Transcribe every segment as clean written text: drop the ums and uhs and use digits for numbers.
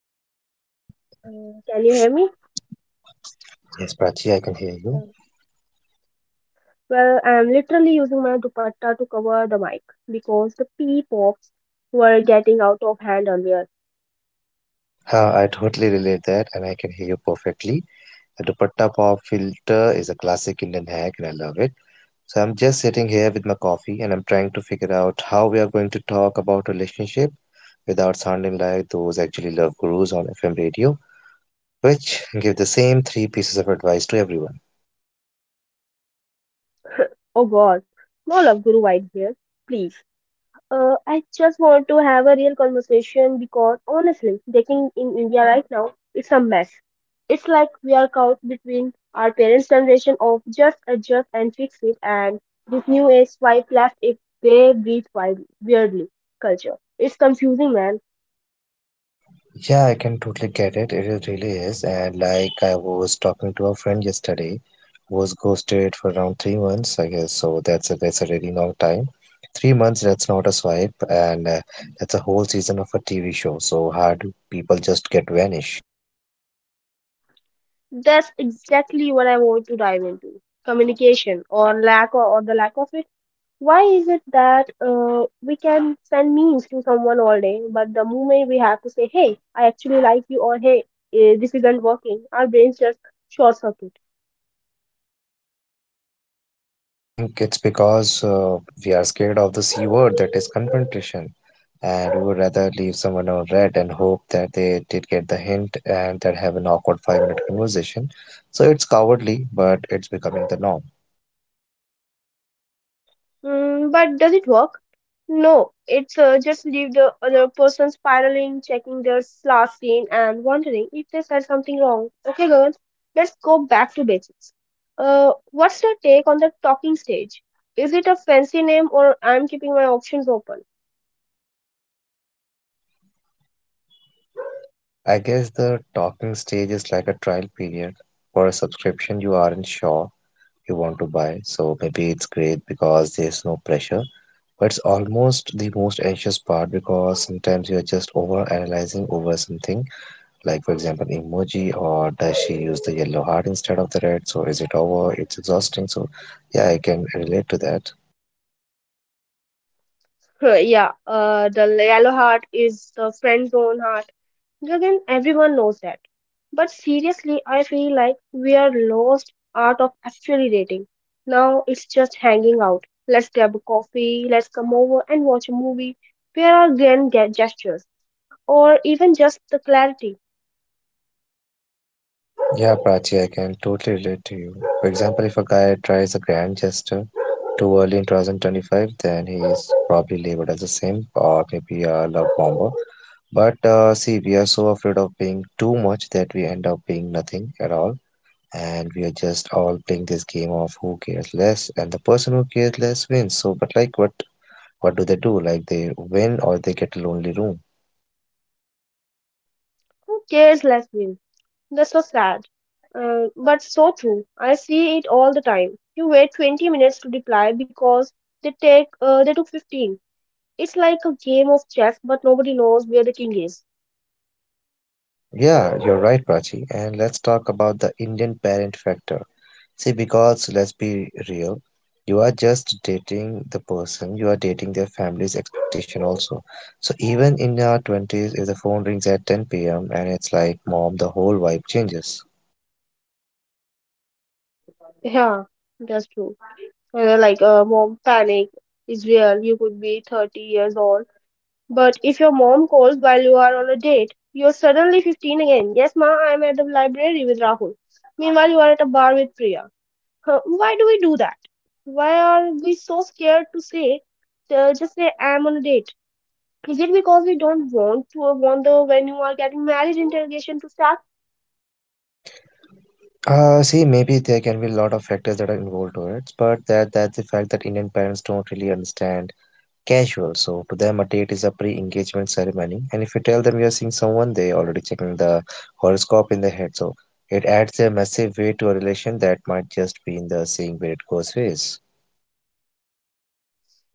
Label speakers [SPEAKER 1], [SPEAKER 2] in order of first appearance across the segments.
[SPEAKER 1] I think we are live. Can you hear me?
[SPEAKER 2] Yes, Prachi, I can hear
[SPEAKER 1] Uh,
[SPEAKER 2] you.
[SPEAKER 1] I am literally using my dupatta to cover the mic because the pee pops were getting out of hand earlier.
[SPEAKER 2] Huh, I totally relate that and I can hear you perfectly. The dupatta pop filter is a classic Indian hack and I love it. So I'm just sitting here with my coffee and I'm trying to figure out how we are going to talk about relationship without sounding like those actually love gurus on FM radio, which give the same three pieces of advice to everyone.
[SPEAKER 1] Oh god, no love guru vibes here, please. I just want to have a real conversation because honestly, dating in India right now, it's a mess. It's like we are caught between our parents' generation of just adjust and fix it and this new age swipe left if they breathe wild, weirdly culture. It's confusing, man.
[SPEAKER 2] Yeah, I can totally get it. Really is. And like I was talking to a friend yesterday, who was ghosted for around 3 months, I guess. So that's a really long time. 3 months, that's not a swipe, and that's a whole season of a TV show. So how do people just get vanish?
[SPEAKER 1] That's exactly what I want to dive into. Communication or the lack of it. Why is it that we can send memes to someone all day, but the moment we have to say, hey, I actually like you, or this isn't working, our brains just short circuit.
[SPEAKER 2] I think it's because we are scared of the C word, that is confrontation, and we would rather leave someone on red and hope that they did get the hint and that have an awkward 5 minute conversation. So it's cowardly, but it's becoming the norm.
[SPEAKER 1] Mm, but does it work? No, it's just leave the other person spiraling, checking their last scene, and wondering if they said something wrong. Okay, girls, let's go back to basics. What's your take on the talking stage? Is it a fancy name, or I'm keeping my options open?
[SPEAKER 2] I guess the talking stage is like a trial period for a subscription you aren't sure you want to buy. So maybe it's great because there's no pressure, but it's almost the most anxious part because sometimes you're just over analyzing over something, like for example emoji, or does she use the yellow heart instead of the red? So is it over? It's exhausting. So yeah, I can relate to that.
[SPEAKER 1] Yeah, the yellow heart is the friend zone heart. Gagan, everyone knows that. But seriously, I feel like we are lost art of actually dating. Now it's just hanging out. Let's grab a coffee, let's come over and watch a movie. Where are grand gestures? Or even just the clarity.
[SPEAKER 2] Yeah, Prachi, I can totally relate to you. For example, if a guy tries a grand gesture too early in 2025, then he is probably labeled as a simp or maybe a love bomber. But see, we are so afraid of being too much that we end up being nothing at all, and we are just all playing this game of who cares less, and the person who cares less wins. So, but like what do they do? Like, they win, or they get a lonely room?
[SPEAKER 1] Who cares, let's win. That's so sad. But so true. I see it all the time. You wait 20 minutes to reply because they took 15. It's like a game of chess, but nobody knows where the king is.
[SPEAKER 2] Yeah, you're right, Prachi. And let's talk about the Indian parent factor. See, because let's be real, you are just dating the person, you are dating their family's expectation also. So even in our 20s, if the phone rings at 10 p.m. and it's like, mom, the whole vibe changes.
[SPEAKER 1] Yeah, that's true. Mom panic is real. You could be 30 years old, but if your mom calls while you are on a date, you're suddenly 15 again. Yes, ma, I'm at the library with Rahul. Meanwhile, you are at a bar with Priya. Huh, why do we do that? Why are we so scared to just say I'm on a date? Is it because we don't want to want the when you are getting married interrogation to start?
[SPEAKER 2] See, maybe there can be a lot of factors that are involved to it, but that that's the fact that Indian parents don't really understand casual. So to them, a date is a pre-engagement ceremony. And if you tell them you're seeing someone, they already checking the horoscope in their head. So it adds a massive weight to a relation that might just be in the seeing where it goes phase.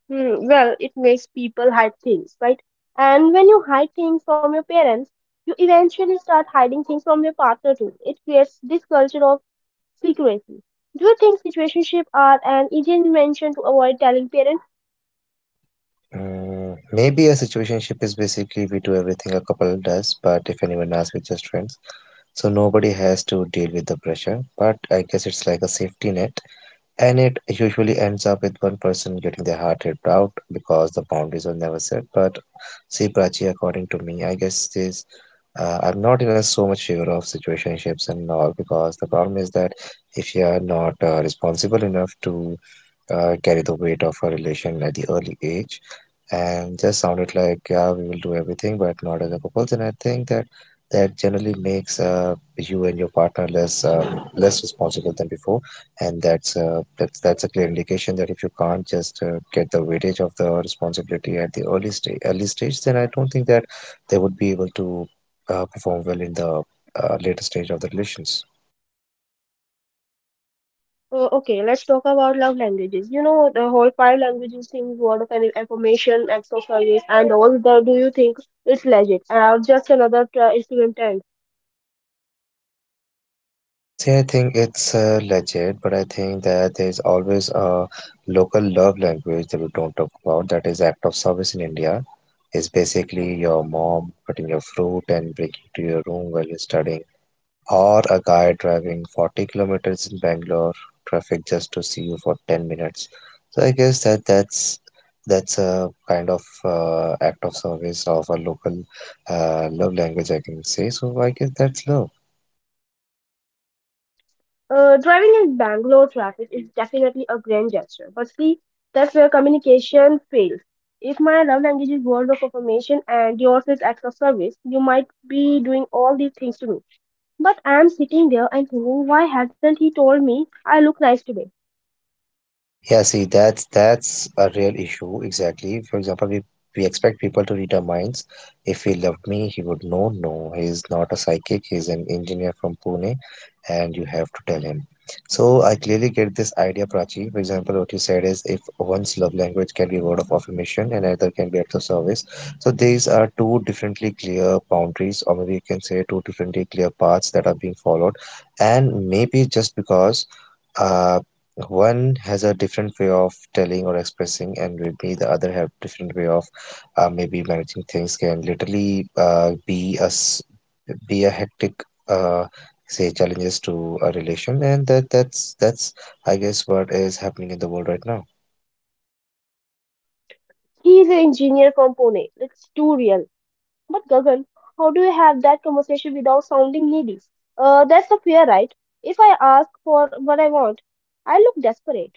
[SPEAKER 1] Hmm, well, it makes people hide things, right? And when you hide things from your parents, you eventually start hiding things from your partner too. It creates this culture of secrecy. Do you think situationships are an easy invention to avoid telling parents?
[SPEAKER 2] Maybe a situationship is basically, we do everything a couple does, but if anyone asks, we're just friends. So nobody has to deal with the pressure. But I guess it's like a safety net, and it usually ends up with one person getting their heart ripped out because the boundaries were never set. But see, Prachi, according to me, I guess this I'm not in a so much favor of situationships and all, because the problem is that, if you are not responsible enough to carry the weight of a relation at the early age, and just sounded like, yeah, we will do everything but not as a couple. And I think that that generally makes you and your partner less responsible than before. And that's a clear indication that, if you can't just get the weightage of the responsibility at the early stage, then I don't think that they would be able to perform well in the later stage of the relations.
[SPEAKER 1] Okay, let's talk about love languages. You know, the whole five languages thing, word of any information, acts of service, and all that. Do you think it's legit or just another Instagram trend?
[SPEAKER 2] See, I think it's legit, but I think that there's always a local love language that we don't talk about. That is act of service in India. Is basically your mom cutting your fruit and bringing to your room while you're studying, or a guy driving 40 kilometers in Bangalore traffic just to see you for 10 minutes. So I guess that that's a kind of act of service of a local love language, I can say. So I guess that's love.
[SPEAKER 1] Driving in Bangalore traffic is definitely a grand gesture, but see, that's where communication fails. If my love language is words of affirmation and yours is acts of service, you might be doing all these things to me. But I am sitting there and thinking, why hasn't he told me I look nice today?
[SPEAKER 2] Yeah, see, that's a real issue. Exactly. For example, we expect people to read our minds. If he loved me, he would know. No, he is not a psychic. He's an engineer from Pune, and you have to tell him. So I clearly get this idea, Prachi. For example, what you said is, if one's love language can be a word of affirmation and another can be act of service. So these are two differently clear boundaries, or maybe you can say two differently clear paths that are being followed. And maybe just because uh, one has a different way of telling or expressing, and maybe the other have different way of maybe managing things, can literally be a hectic. Say, challenges to a relation, and that's I guess what is happening in the world right now.
[SPEAKER 1] He is an engineer from Pune. It's too real. But Gagan, how do you have that conversation without sounding needy? That's the fear, right? If I ask for what I want, I look desperate.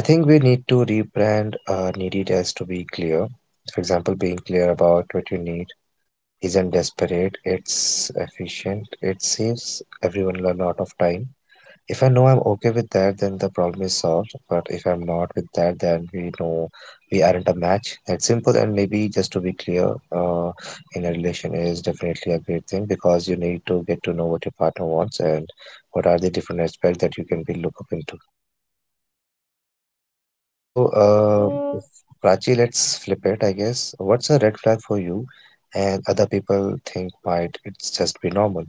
[SPEAKER 2] I think we need to rebrand need as to be clear. For example, being clear about what you need isn't desperate, it's efficient, it saves everyone a lot of time. If I know I'm okay with that, then the problem is solved. But if I'm not with that, then we know we aren't a match. That's simple. And maybe just to be clear, in a relation is definitely a great thing, because you need to get to know what your partner wants, and what are the different aspects that you can be look up into. So,
[SPEAKER 1] Mm.
[SPEAKER 2] uh, Prachi, let's flip it, I guess. What's a red flag for you, and other people think might it's just be normal?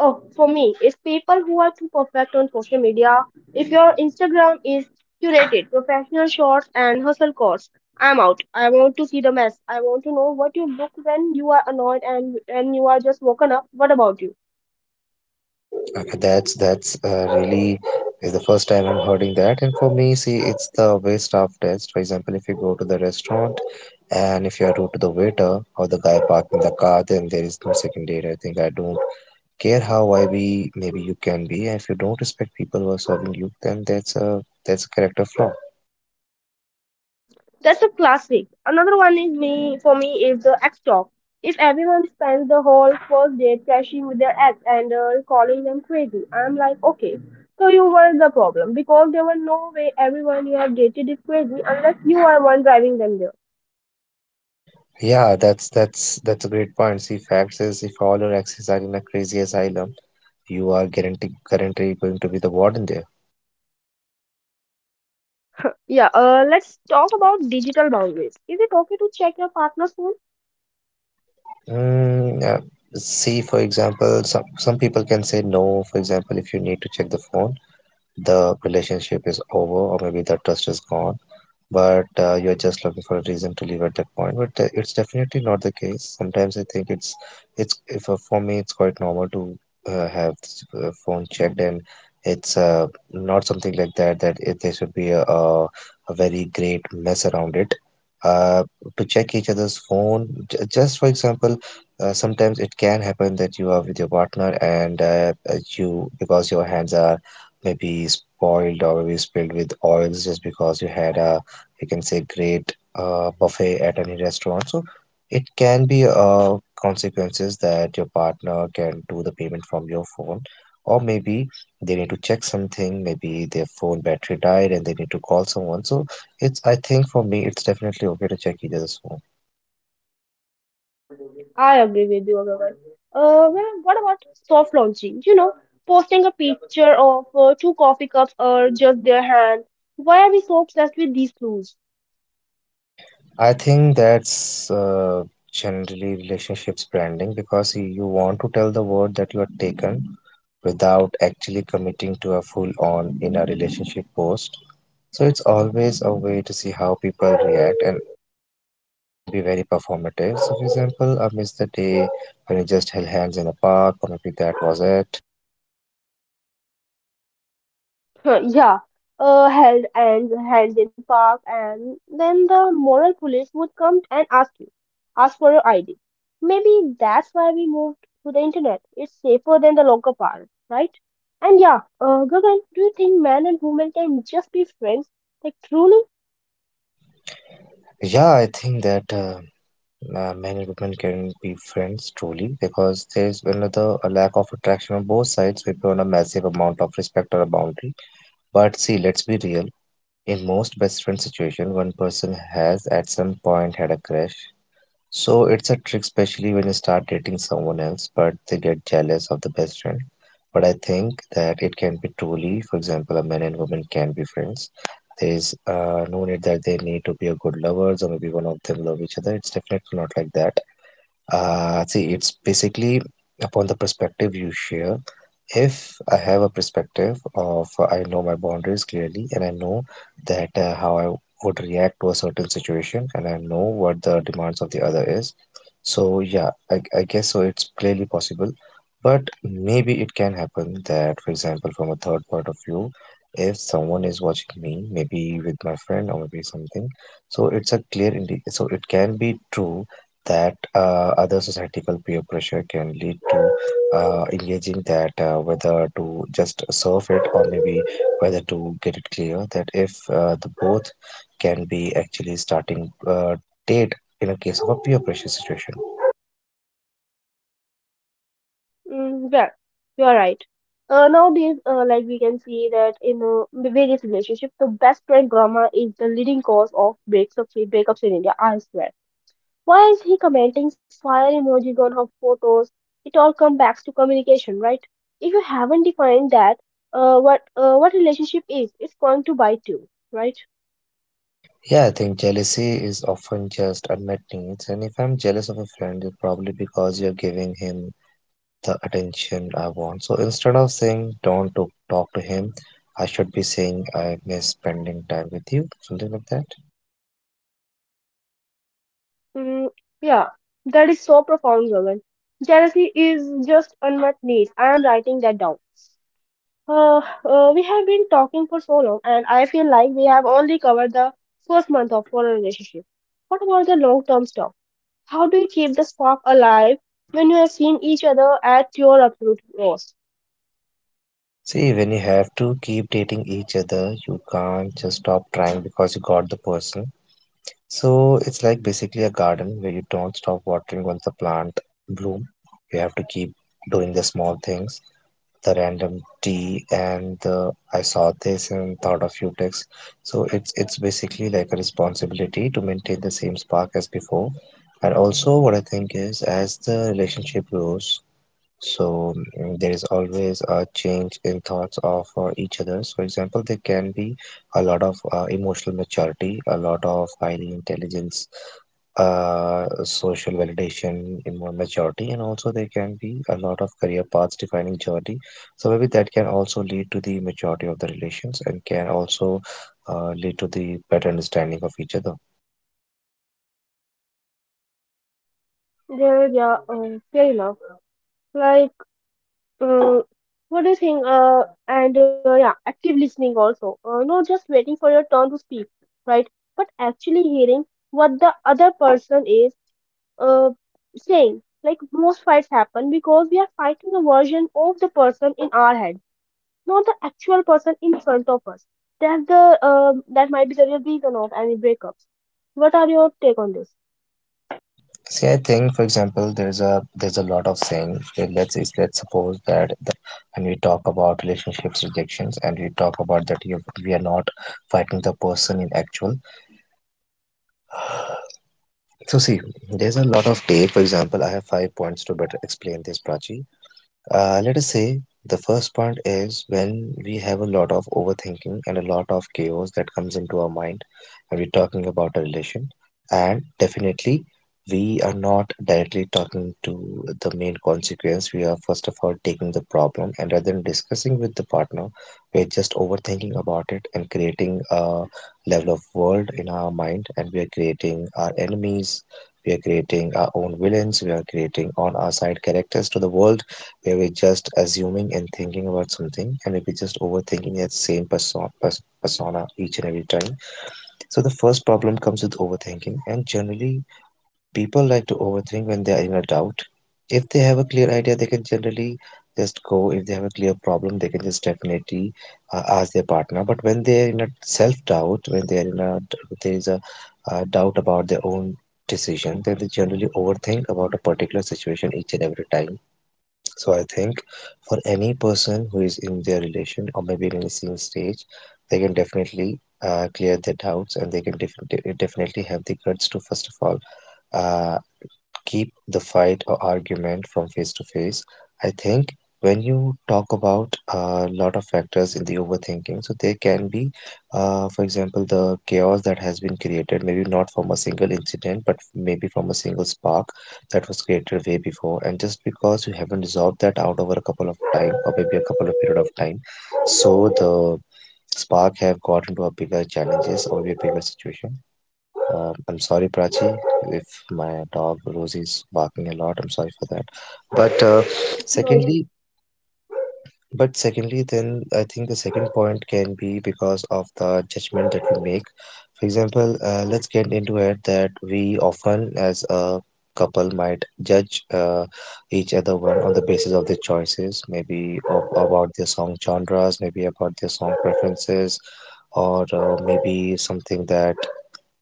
[SPEAKER 1] Oh, for me, it's people who are too perfect on social media. If your Instagram is curated, professional shots and hustle course, I'm out. I want to see the mess. I want to know what you look when you are annoyed and when you are just woken up. What about you?
[SPEAKER 2] Okay, that's really is the first time I'm hearing that. And for me, see, it's the waste of test. For example, if you go to the restaurant and if you are rude to the waiter or the guy parking the car, then there is no second date. I think I don't care how I be. Maybe you can be. And if you don't respect people who are serving you, then that's a character flaw.
[SPEAKER 1] That's a classic. Another one is me is the ex talk. If everyone spends the whole first day trashing with their ex and calling them crazy, I'm like, okay, so you were the problem because there were no way everyone you have dated is crazy unless you are one driving them there.
[SPEAKER 2] Yeah, that's a great point. See, facts is, if all your exes are in a crazy asylum, you are guaranteed going to be the warden there.
[SPEAKER 1] Yeah, let's talk about digital boundaries. Is it okay to check your partner's phone?
[SPEAKER 2] Mm, uh, see, for example, some people can say no. For example, if you need to check the phone, the relationship is over, or maybe the trust is gone. But you're just looking for a reason to leave at that point. But it's definitely not the case sometimes. I think it's if, for me it's quite normal to have this, phone checked. And it's not something like that, there should be a very great mess around it, uh, to check each other's phone, just for example. Sometimes it can happen that you are with your partner, and you, because your hands are maybe spoiled or maybe spilled with oils, just because you had a, you can say, great buffet at any restaurant. So it can be consequences that your partner can do the payment from your phone. Or maybe they need to check something, maybe their phone battery died and they need to call someone. So it's I think for me it's definitely okay to check each other's phone.
[SPEAKER 1] I agree with you, Agarwal. What about soft launching? You know, posting a picture of two coffee cups or just their hand. Why are we so obsessed with these clues?
[SPEAKER 2] I think that's generally relationships branding, because you want to tell the world that you are taken, without actually committing to a full on in a relationship post. So it's always a way to see how people react, and it can be very performative. So for example, I missed the day when we just held hands in a park, or maybe that was it.
[SPEAKER 1] Huh, yeah, held and hand in park, and then the moral police would come and ask you, ask for your ID. Maybe that's why we moved to the internet. It's safer than the local park, right? And yeah, Gagan, do you think man and woman can just be friends? Like truly?
[SPEAKER 2] Yeah, I think that men and women can be friends truly, because there's another a lack of attraction on both sides, maybe on a massive amount of respect or a boundary. But see, let's be real. In most best friend situation, one person has at some point had a crush. So it's a trick, especially when you start dating someone else, but they get jealous of the best friend. But I think that it can be truly, for example, a man and woman can be friends. There is no need that they need to be a good lovers, or maybe one of them love each other. It's definitely not like that. See, it's basically upon the perspective you share. If I have a perspective of I know my boundaries clearly, and I know that how I would react to a certain situation, and I know what the demands of the other is. So yeah, I guess so it's clearly possible. But maybe it can happen that, for example, from a third point of view, if someone is watching me, maybe with my friend or maybe something, so it's a clear indi so it can be true that other societal peer pressure can lead to engaging that whether to just serve it, or maybe whether to get it clear that if the both can be actually starting date in a case of a peer pressure situation.
[SPEAKER 1] Yeah, you are right. Nowadays, we can see that in the various relationships, the best friend drama is the leading cause of breakups in India, I swear. Why is he commenting fire emojis on her photos? It all comes back to communication, right? If you haven't defined that, what relationship is, it's going to bite you, right?
[SPEAKER 2] Yeah, I think jealousy is often just unmet needs, and if I'm jealous of a friend, it's probably because you're giving him the attention I want. So instead of saying don't to talk to him, I should be saying I miss spending time with you, something like that.
[SPEAKER 1] Mm, yeah, that is so profound, Gagan. Jealousy is just unmet needs. I am writing that down. Uh, we have been talking for so long, and I feel like we have only covered the first month of our relationship. What about the long-term stuff? How do you keep the spark alive when you have seen each other at your absolute worst?
[SPEAKER 2] See, when you have to keep dating each other, you can't just stop trying because you got the person. So it's like basically a garden where you don't stop watering once the plant bloom. You have to keep doing the small things, the random tea and the I saw this and thought of you text. So it's basically like a responsibility to maintain the same spark as before. And also what I think is, as the relationship grows, so there is always a change in thoughts of each other. For example, there can be a lot of emotional maturity, a lot of highly intelligence, social validation, maturity, and also there can be a lot of career paths defining journey. So maybe that can also lead to the maturity of the relations and can also lead to the better understanding of each other.
[SPEAKER 1] Yeah, yeah, fair enough. Like. Uh, what do you think? And Yeah, active listening also. Not just waiting for your turn to speak, right? But actually hearing what the other person is uh, saying. Like most fights happen because we are fighting a version of the person in our head, not the actual person in front of us. That might be the real reason of any breakups. What are your take on this?
[SPEAKER 2] See, I think, for example, there's a lot of saying. Let's let's suppose that when we talk about relationships rejections, and we talk about that we are not fighting the person in actual. So see, there's a lot of take. For example, I have 5 points to better explain this, Prachi. Let us say the first point is when we have a lot of overthinking and a lot of chaos that comes into our mind, and we're talking about a relation. And definitely we are not directly talking to the main consequence. We are first of all taking the problem, and rather than discussing with the partner, we're just overthinking about it and creating a level of world in our mind, and we are creating our enemies. We are creating our own villains. We are creating on our side characters to the world where we're just assuming and thinking about something, and we're just overthinking that same persona each and every time. So the first problem comes with overthinking, and generally people like to overthink when they are in a doubt. If they have a clear idea, they can generally just go. If they have a clear problem, they can just definitely ask their partner. But when they're in a self-doubt, when they're in a there is a doubt about their own decision, then they generally overthink about a particular situation each and every time. So I think for any person who is in their relation, or maybe in the same stage, they can definitely clear their doubts, and they can definitely have the guts to first of all uh, keep the fight or argument from face to face. I think when you talk about a lot of factors in the overthinking, so there can be, for example, the chaos that has been created, maybe not from a single incident, but maybe from a single spark that was created way before. And just because you haven't resolved that out over a couple of time, or maybe a couple of period of time, so the spark have got into a bigger challenges, or maybe a bigger situation. I'm sorry, Prachi, if my dog Rosie is barking a lot. I'm sorry for that. But uh,
[SPEAKER 1] No
[SPEAKER 2] secondly,
[SPEAKER 1] issue.
[SPEAKER 2] but secondly, then I think the second point can be because of the judgment that we make. For example, let's get into it that we often, as a couple, might judge each other one on the basis of their choices, maybe about their song genres, maybe about their song preferences, or maybe something that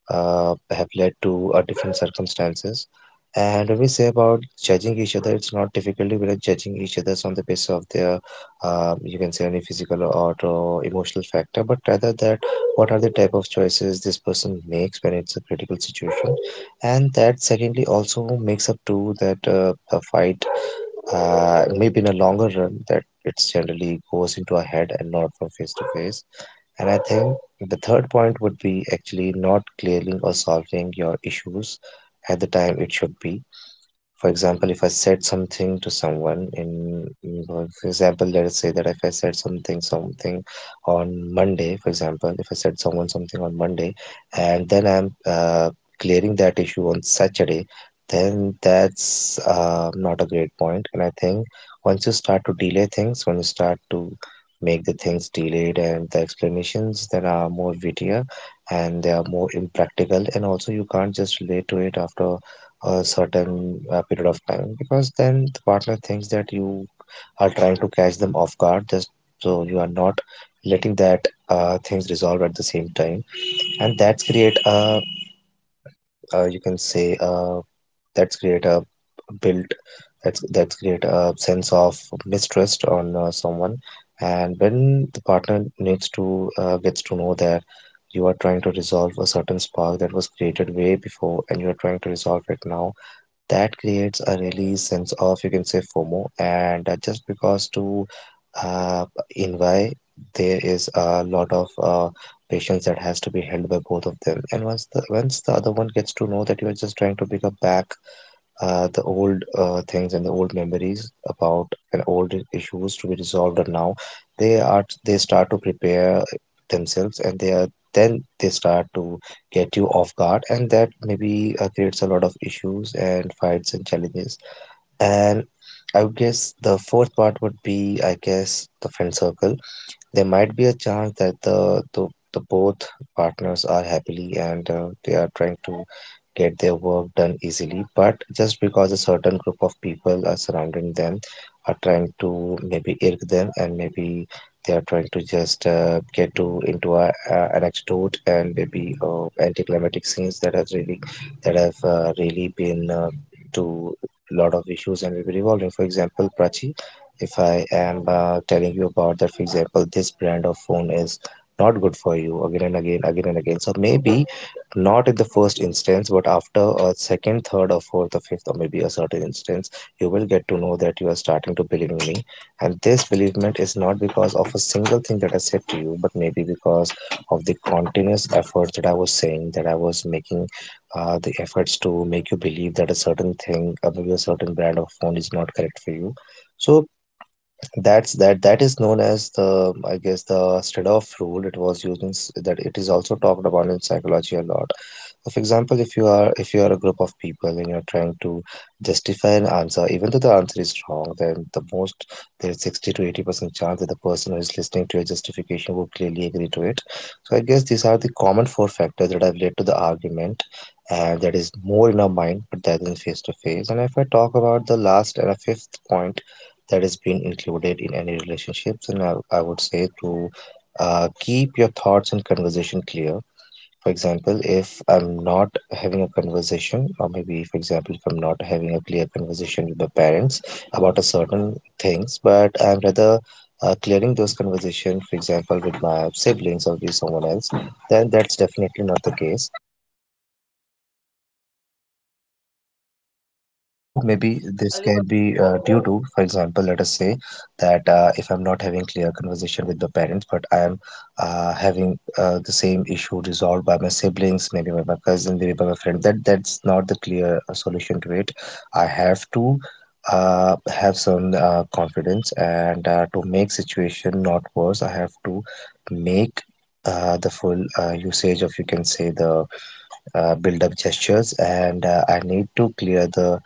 [SPEAKER 2] have led to different circumstances. And when we say about judging each other, it's not difficulty. We are judging each other on the basis of their, you can say, any physical or emotional factor, but rather that what are the type of choices this person makes when it's a critical situation. And that secondly also makes up to that a fight, maybe in a longer run, that it's generally goes into a head and not from face to face. And I think the third point would be actually not clearing or solving your issues at the time it should be. For example, if I said something to someone in, for example, let us say that if I said something, something on Monday, for example, if I said someone something on Monday, and then I'm clearing that issue on Saturday, then that's not a great point. And I think once you start to delay things, when you start to make the things delayed, and the explanations that are more wittier, and they are more impractical, and also you can't just relate to it after a certain period of time, because then the partner thinks that you are trying to catch them off guard, just so you are not letting that things resolve at the same time. And that's create a you can say that's create a built that's create a sense of mistrust on someone. And when the partner needs to gets to know that you are trying to resolve a certain spark that was created way before, and you are trying to resolve it now, that creates a really sense of you can say FOMO. And just because to uh, in why there is a lot of patience that has to be held by both of them. And once the other one gets to know that you are just trying to pick up back the old things, and the old memories about, and old issues to be resolved or now, they start to prepare themselves, and they are then they start to get you off guard. And that maybe creates a lot of issues and fights and challenges. And I would guess the fourth part would be, I guess, the friend circle. There might be a chance that the both partners are happily, and they are trying to get their work done easily, but just because a certain group of people are surrounding them, are trying to maybe irk them, and maybe they are trying to just get to into a anecdote, and maybe anticlimactic scenes that have really, that have really been to lot of issues and will be revolving. For example, Prachi, if I am telling you about that, for example, this brand of phone is not good for you, again and again, again and again. So maybe not in the first instance, but after a second, third, or fourth, or fifth, or maybe a certain instance, you will get to know that you are starting to believe in me. And this believement is not because of a single thing that I said to you, but maybe because of the continuous effort that I was saying, that I was making the efforts to make you believe that a certain thing, or maybe a certain brand of phone is not correct for you. So that is known as the, I guess, the Stradov rule. It was used in that it is also talked about in psychology a lot. So for example, if you are, if you are a group of people and you're trying to justify an answer, even though the answer is wrong, then the most, there's 60 to 80% chance that the person who is listening to your justification would clearly agree to it. So I guess these are the common four factors that have led to the argument. And that is more in our mind, but that in face to face. And if I talk about the last and a fifth point, that is being included in any relationships and I would say to keep your thoughts and conversation clear. For example, if I'm not having a conversation, or maybe for example if I'm not having a clear conversation with my parents about a certain things, but I'm rather clearing those conversation, for example, with my siblings or with someone else, then that's definitely not the case. So maybe this can be due to, for example, let us say that if I'm not having clear conversation with the parents, but I am having the same issue resolved by my siblings, maybe by my cousin, maybe by my friend. That's not the clear solution to it. I have to have some confidence, and to make situation not worse, I have to make the full usage of, you can say, the build up gestures, and I need to clear the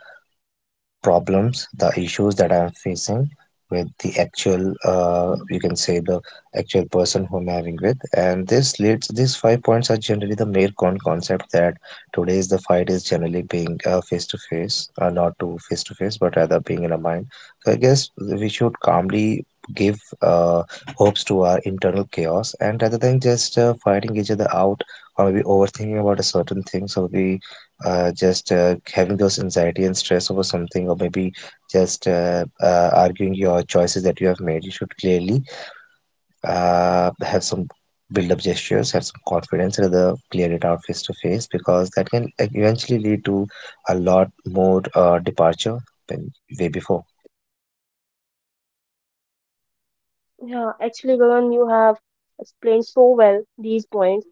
[SPEAKER 2] problems, the issues that I'm facing with the actual, you can say, the actual person whom I'm having with. And this leads, these 5 points are generally the mere concept that today's the fight is generally being face to face, not to face to face, but rather being in a mind. So I guess we should calmly give hopes to our internal chaos, and rather than just fighting each other out or maybe overthinking about a certain thing. So we just having those anxiety and stress over something, or maybe just arguing your choices that you have made, you should clearly have some build up gestures, have some confidence, rather clear it out face to face, because that can eventually lead to a lot more departure than way before.
[SPEAKER 1] Yeah, actually, Gagan, you have explained so well these points.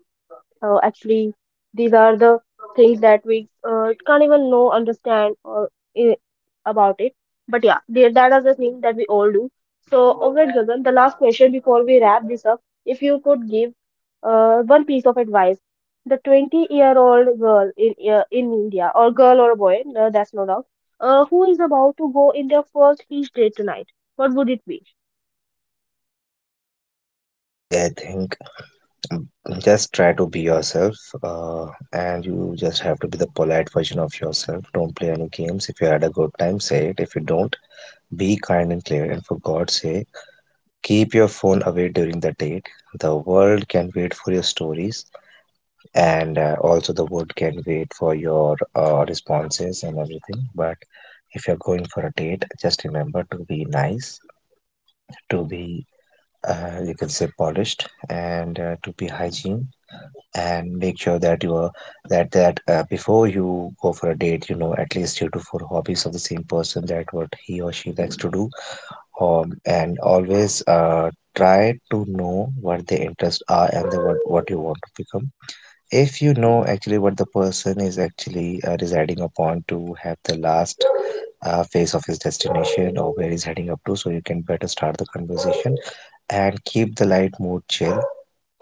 [SPEAKER 1] Actually these are the things that we can't even know understand or uh, about it, but yeah that are the things that we all do. So alright, Gagan, the last question before we wrap this up, if you could give one piece of advice the 20-year-old girl in India or girl or boy, no, that's no doubt, who is about to go in their first beach date tonight, what would it be?
[SPEAKER 2] See, I think um, just try to be yourself uh, and you just have to be the polite version of yourself. Don't play any games. If you had a good time, say it. If you don't, be kind and clear, and for God's sake, keep your phone away during the date. The world can wait for your stories, and also the world can wait for your responses and everything. But if you're going for a date, just remember to be nice, to be, you can say, polished, and to be hygiene. And make sure that you are that that before you go for a date, you know at least three to four hobbies of the same person, that what he or she likes to do. And always try to know what the interests are, and the, what you want to become. If you know actually what the person is actually residing upon to have the last phase of his destination, or where he's heading up to, so you can better start the conversation and keep the light mood chill.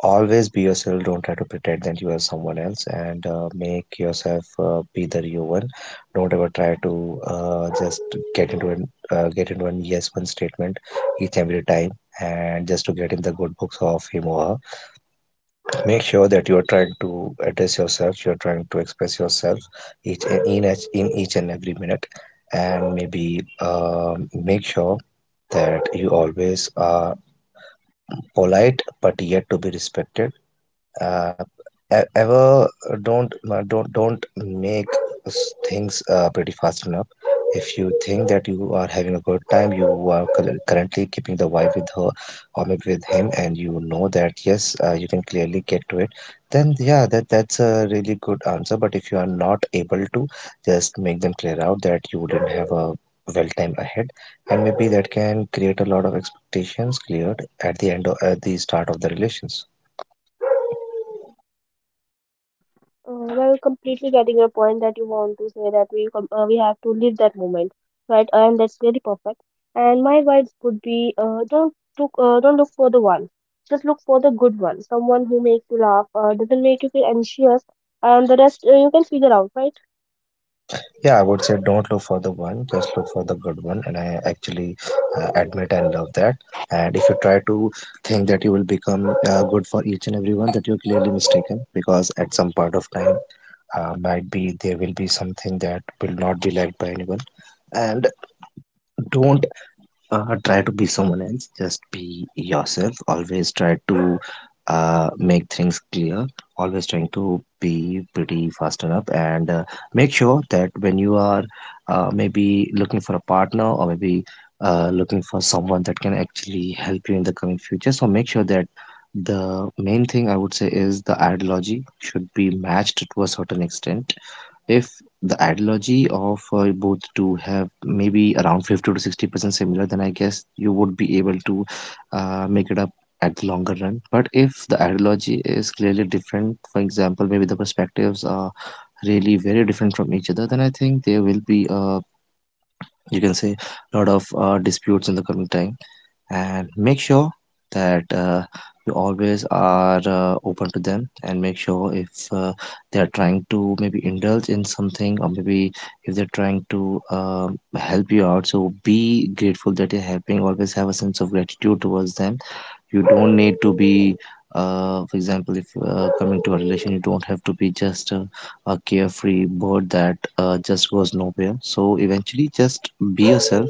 [SPEAKER 2] Always be yourself, don't try to pretend that you are someone else, and make yourself be the real one. Don't ever try to just get into an yes one statement each and every time, and just to get in the good books of him or her. Make sure that you are trying to address yourself, you are trying to express yourself each and every minute. And maybe make sure that you always are polite but yet to be respected. uh, Ever don't make things pretty fast enough. If you think that you are having a good time, you are currently keeping the vibe with her, or maybe with him, and you know that, yes, you can clearly get to it, then yeah, that's a really good answer. But if you are not able to, just make them clear out that you wouldn't have a well time ahead, and maybe that can create a lot of expectations cleared at at the start of the relations.
[SPEAKER 1] Completely getting your point that you want to say that we have to live that moment, right? And that's really perfect. And my advice would be, don't look for the one. Just look for the good one, someone who makes you laugh, doesn't make you feel anxious, and the rest you can figure out, right?
[SPEAKER 2] Yeah, I would say don't look for the one, just look for the good one. And I actually admit and love that. And if you try to think that you will become good for each and every one, that you're clearly mistaken, because at some point of time, might be there will be something that will not be liked by anyone. And don't try to be someone else, just be yourself. Always try to make things clear, always trying to be pretty fast enough. And make sure that when you are maybe looking for a partner, or maybe looking for someone that can actually help you in the coming future, so make sure that the main thing I would say is the ideology should be matched to a certain extent. If the ideology of both two have maybe around 50 to 60% similar, then I guess you would be able to make it up at the longer run. But if the ideology is clearly different, for example, maybe the perspectives are really very different from each other, then I think there will be, you can say, a lot of disputes in the coming time. And make sure that you always are open to them, and make sure if they are trying to maybe indulge in something, or maybe if they're trying to help you out, so be grateful that you're helping. Always have a sense of gratitude towards them. You don't need to be for example, if coming to a relation, you don't have to be just a carefree bird that just goes nowhere. So eventually, just be yourself.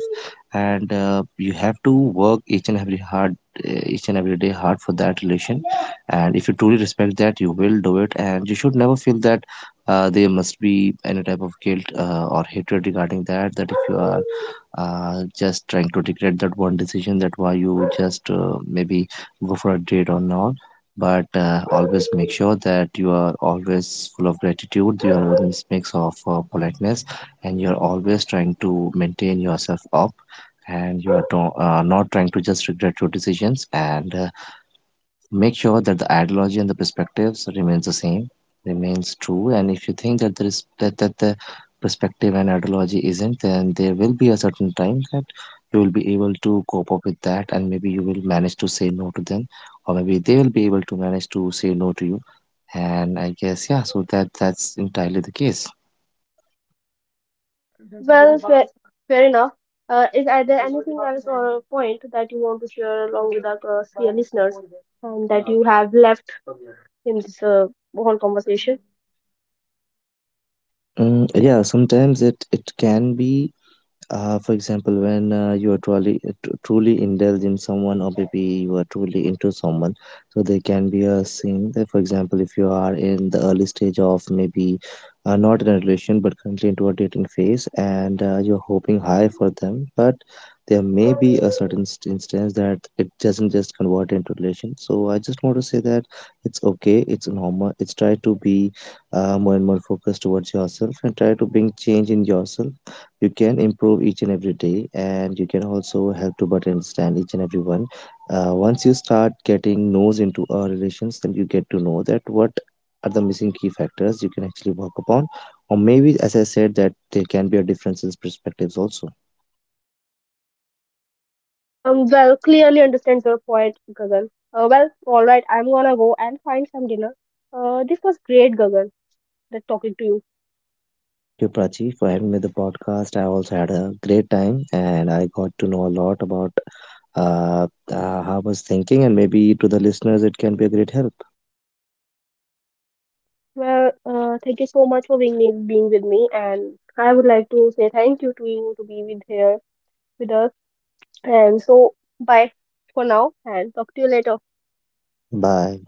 [SPEAKER 2] And you have to work each and every hard, each and every day hard for that relation. And if you truly respect that, you will do it, and you should never feel that there must be any type of guilt or hatred regarding that, that if you are just trying to regret that one decision, that why you just maybe go for a date or not. But always make sure that you are always full of gratitude, you are always mix of politeness, and you're always trying to maintain yourself up. And you are not trying to just regret your decisions, and make sure that the ideology and the perspectives remains the same, remains true. And if you think that there is that the perspective and ideology isn't, then there will be a certain time that you will be able to cope up with that, and maybe you will manage to say no to them, or maybe they will be able to manage to say no to you. And I guess, yeah, so that's entirely the case.
[SPEAKER 1] Well, fair enough. Is are there anything else or a point that you want to share along with our dear listeners, and that you have left in this whole conversation?
[SPEAKER 2] Mm, yeah, sometimes it can be for example, when you are truly truly indulge in someone, or maybe you are truly into someone, so there can be a scene. That, for example, if you are in the early stage of maybe not in a relation but currently into a dating phase, and you're hoping high for them, but there may be a certain instance that it doesn't just convert into relation. So I just want to say that it's okay, it's normal. It's try to be more and more focused towards yourself, and try to bring change in yourself. You can improve each and every day, and you can also help to better understand each and everyone. Once you start getting knows into relations, then you get to know that what are the missing key factors you can actually work upon. Or maybe, as I said, that there can be a difference in perspectives also.
[SPEAKER 1] Clearly understands your point, Gagan. All right, I'm gonna go and find some dinner. This was great, Gagan, that talking to you.
[SPEAKER 2] Thank you, Prachi, for having me the podcast. I also had a great time, and I got to know a lot about uh, how I was thinking, and maybe to the listeners it can be a great help.
[SPEAKER 1] Well, thank you so much for being with me, and I would like to say thank you to you to be with here with us. And so, bye for now, and talk to you later.
[SPEAKER 2] Bye.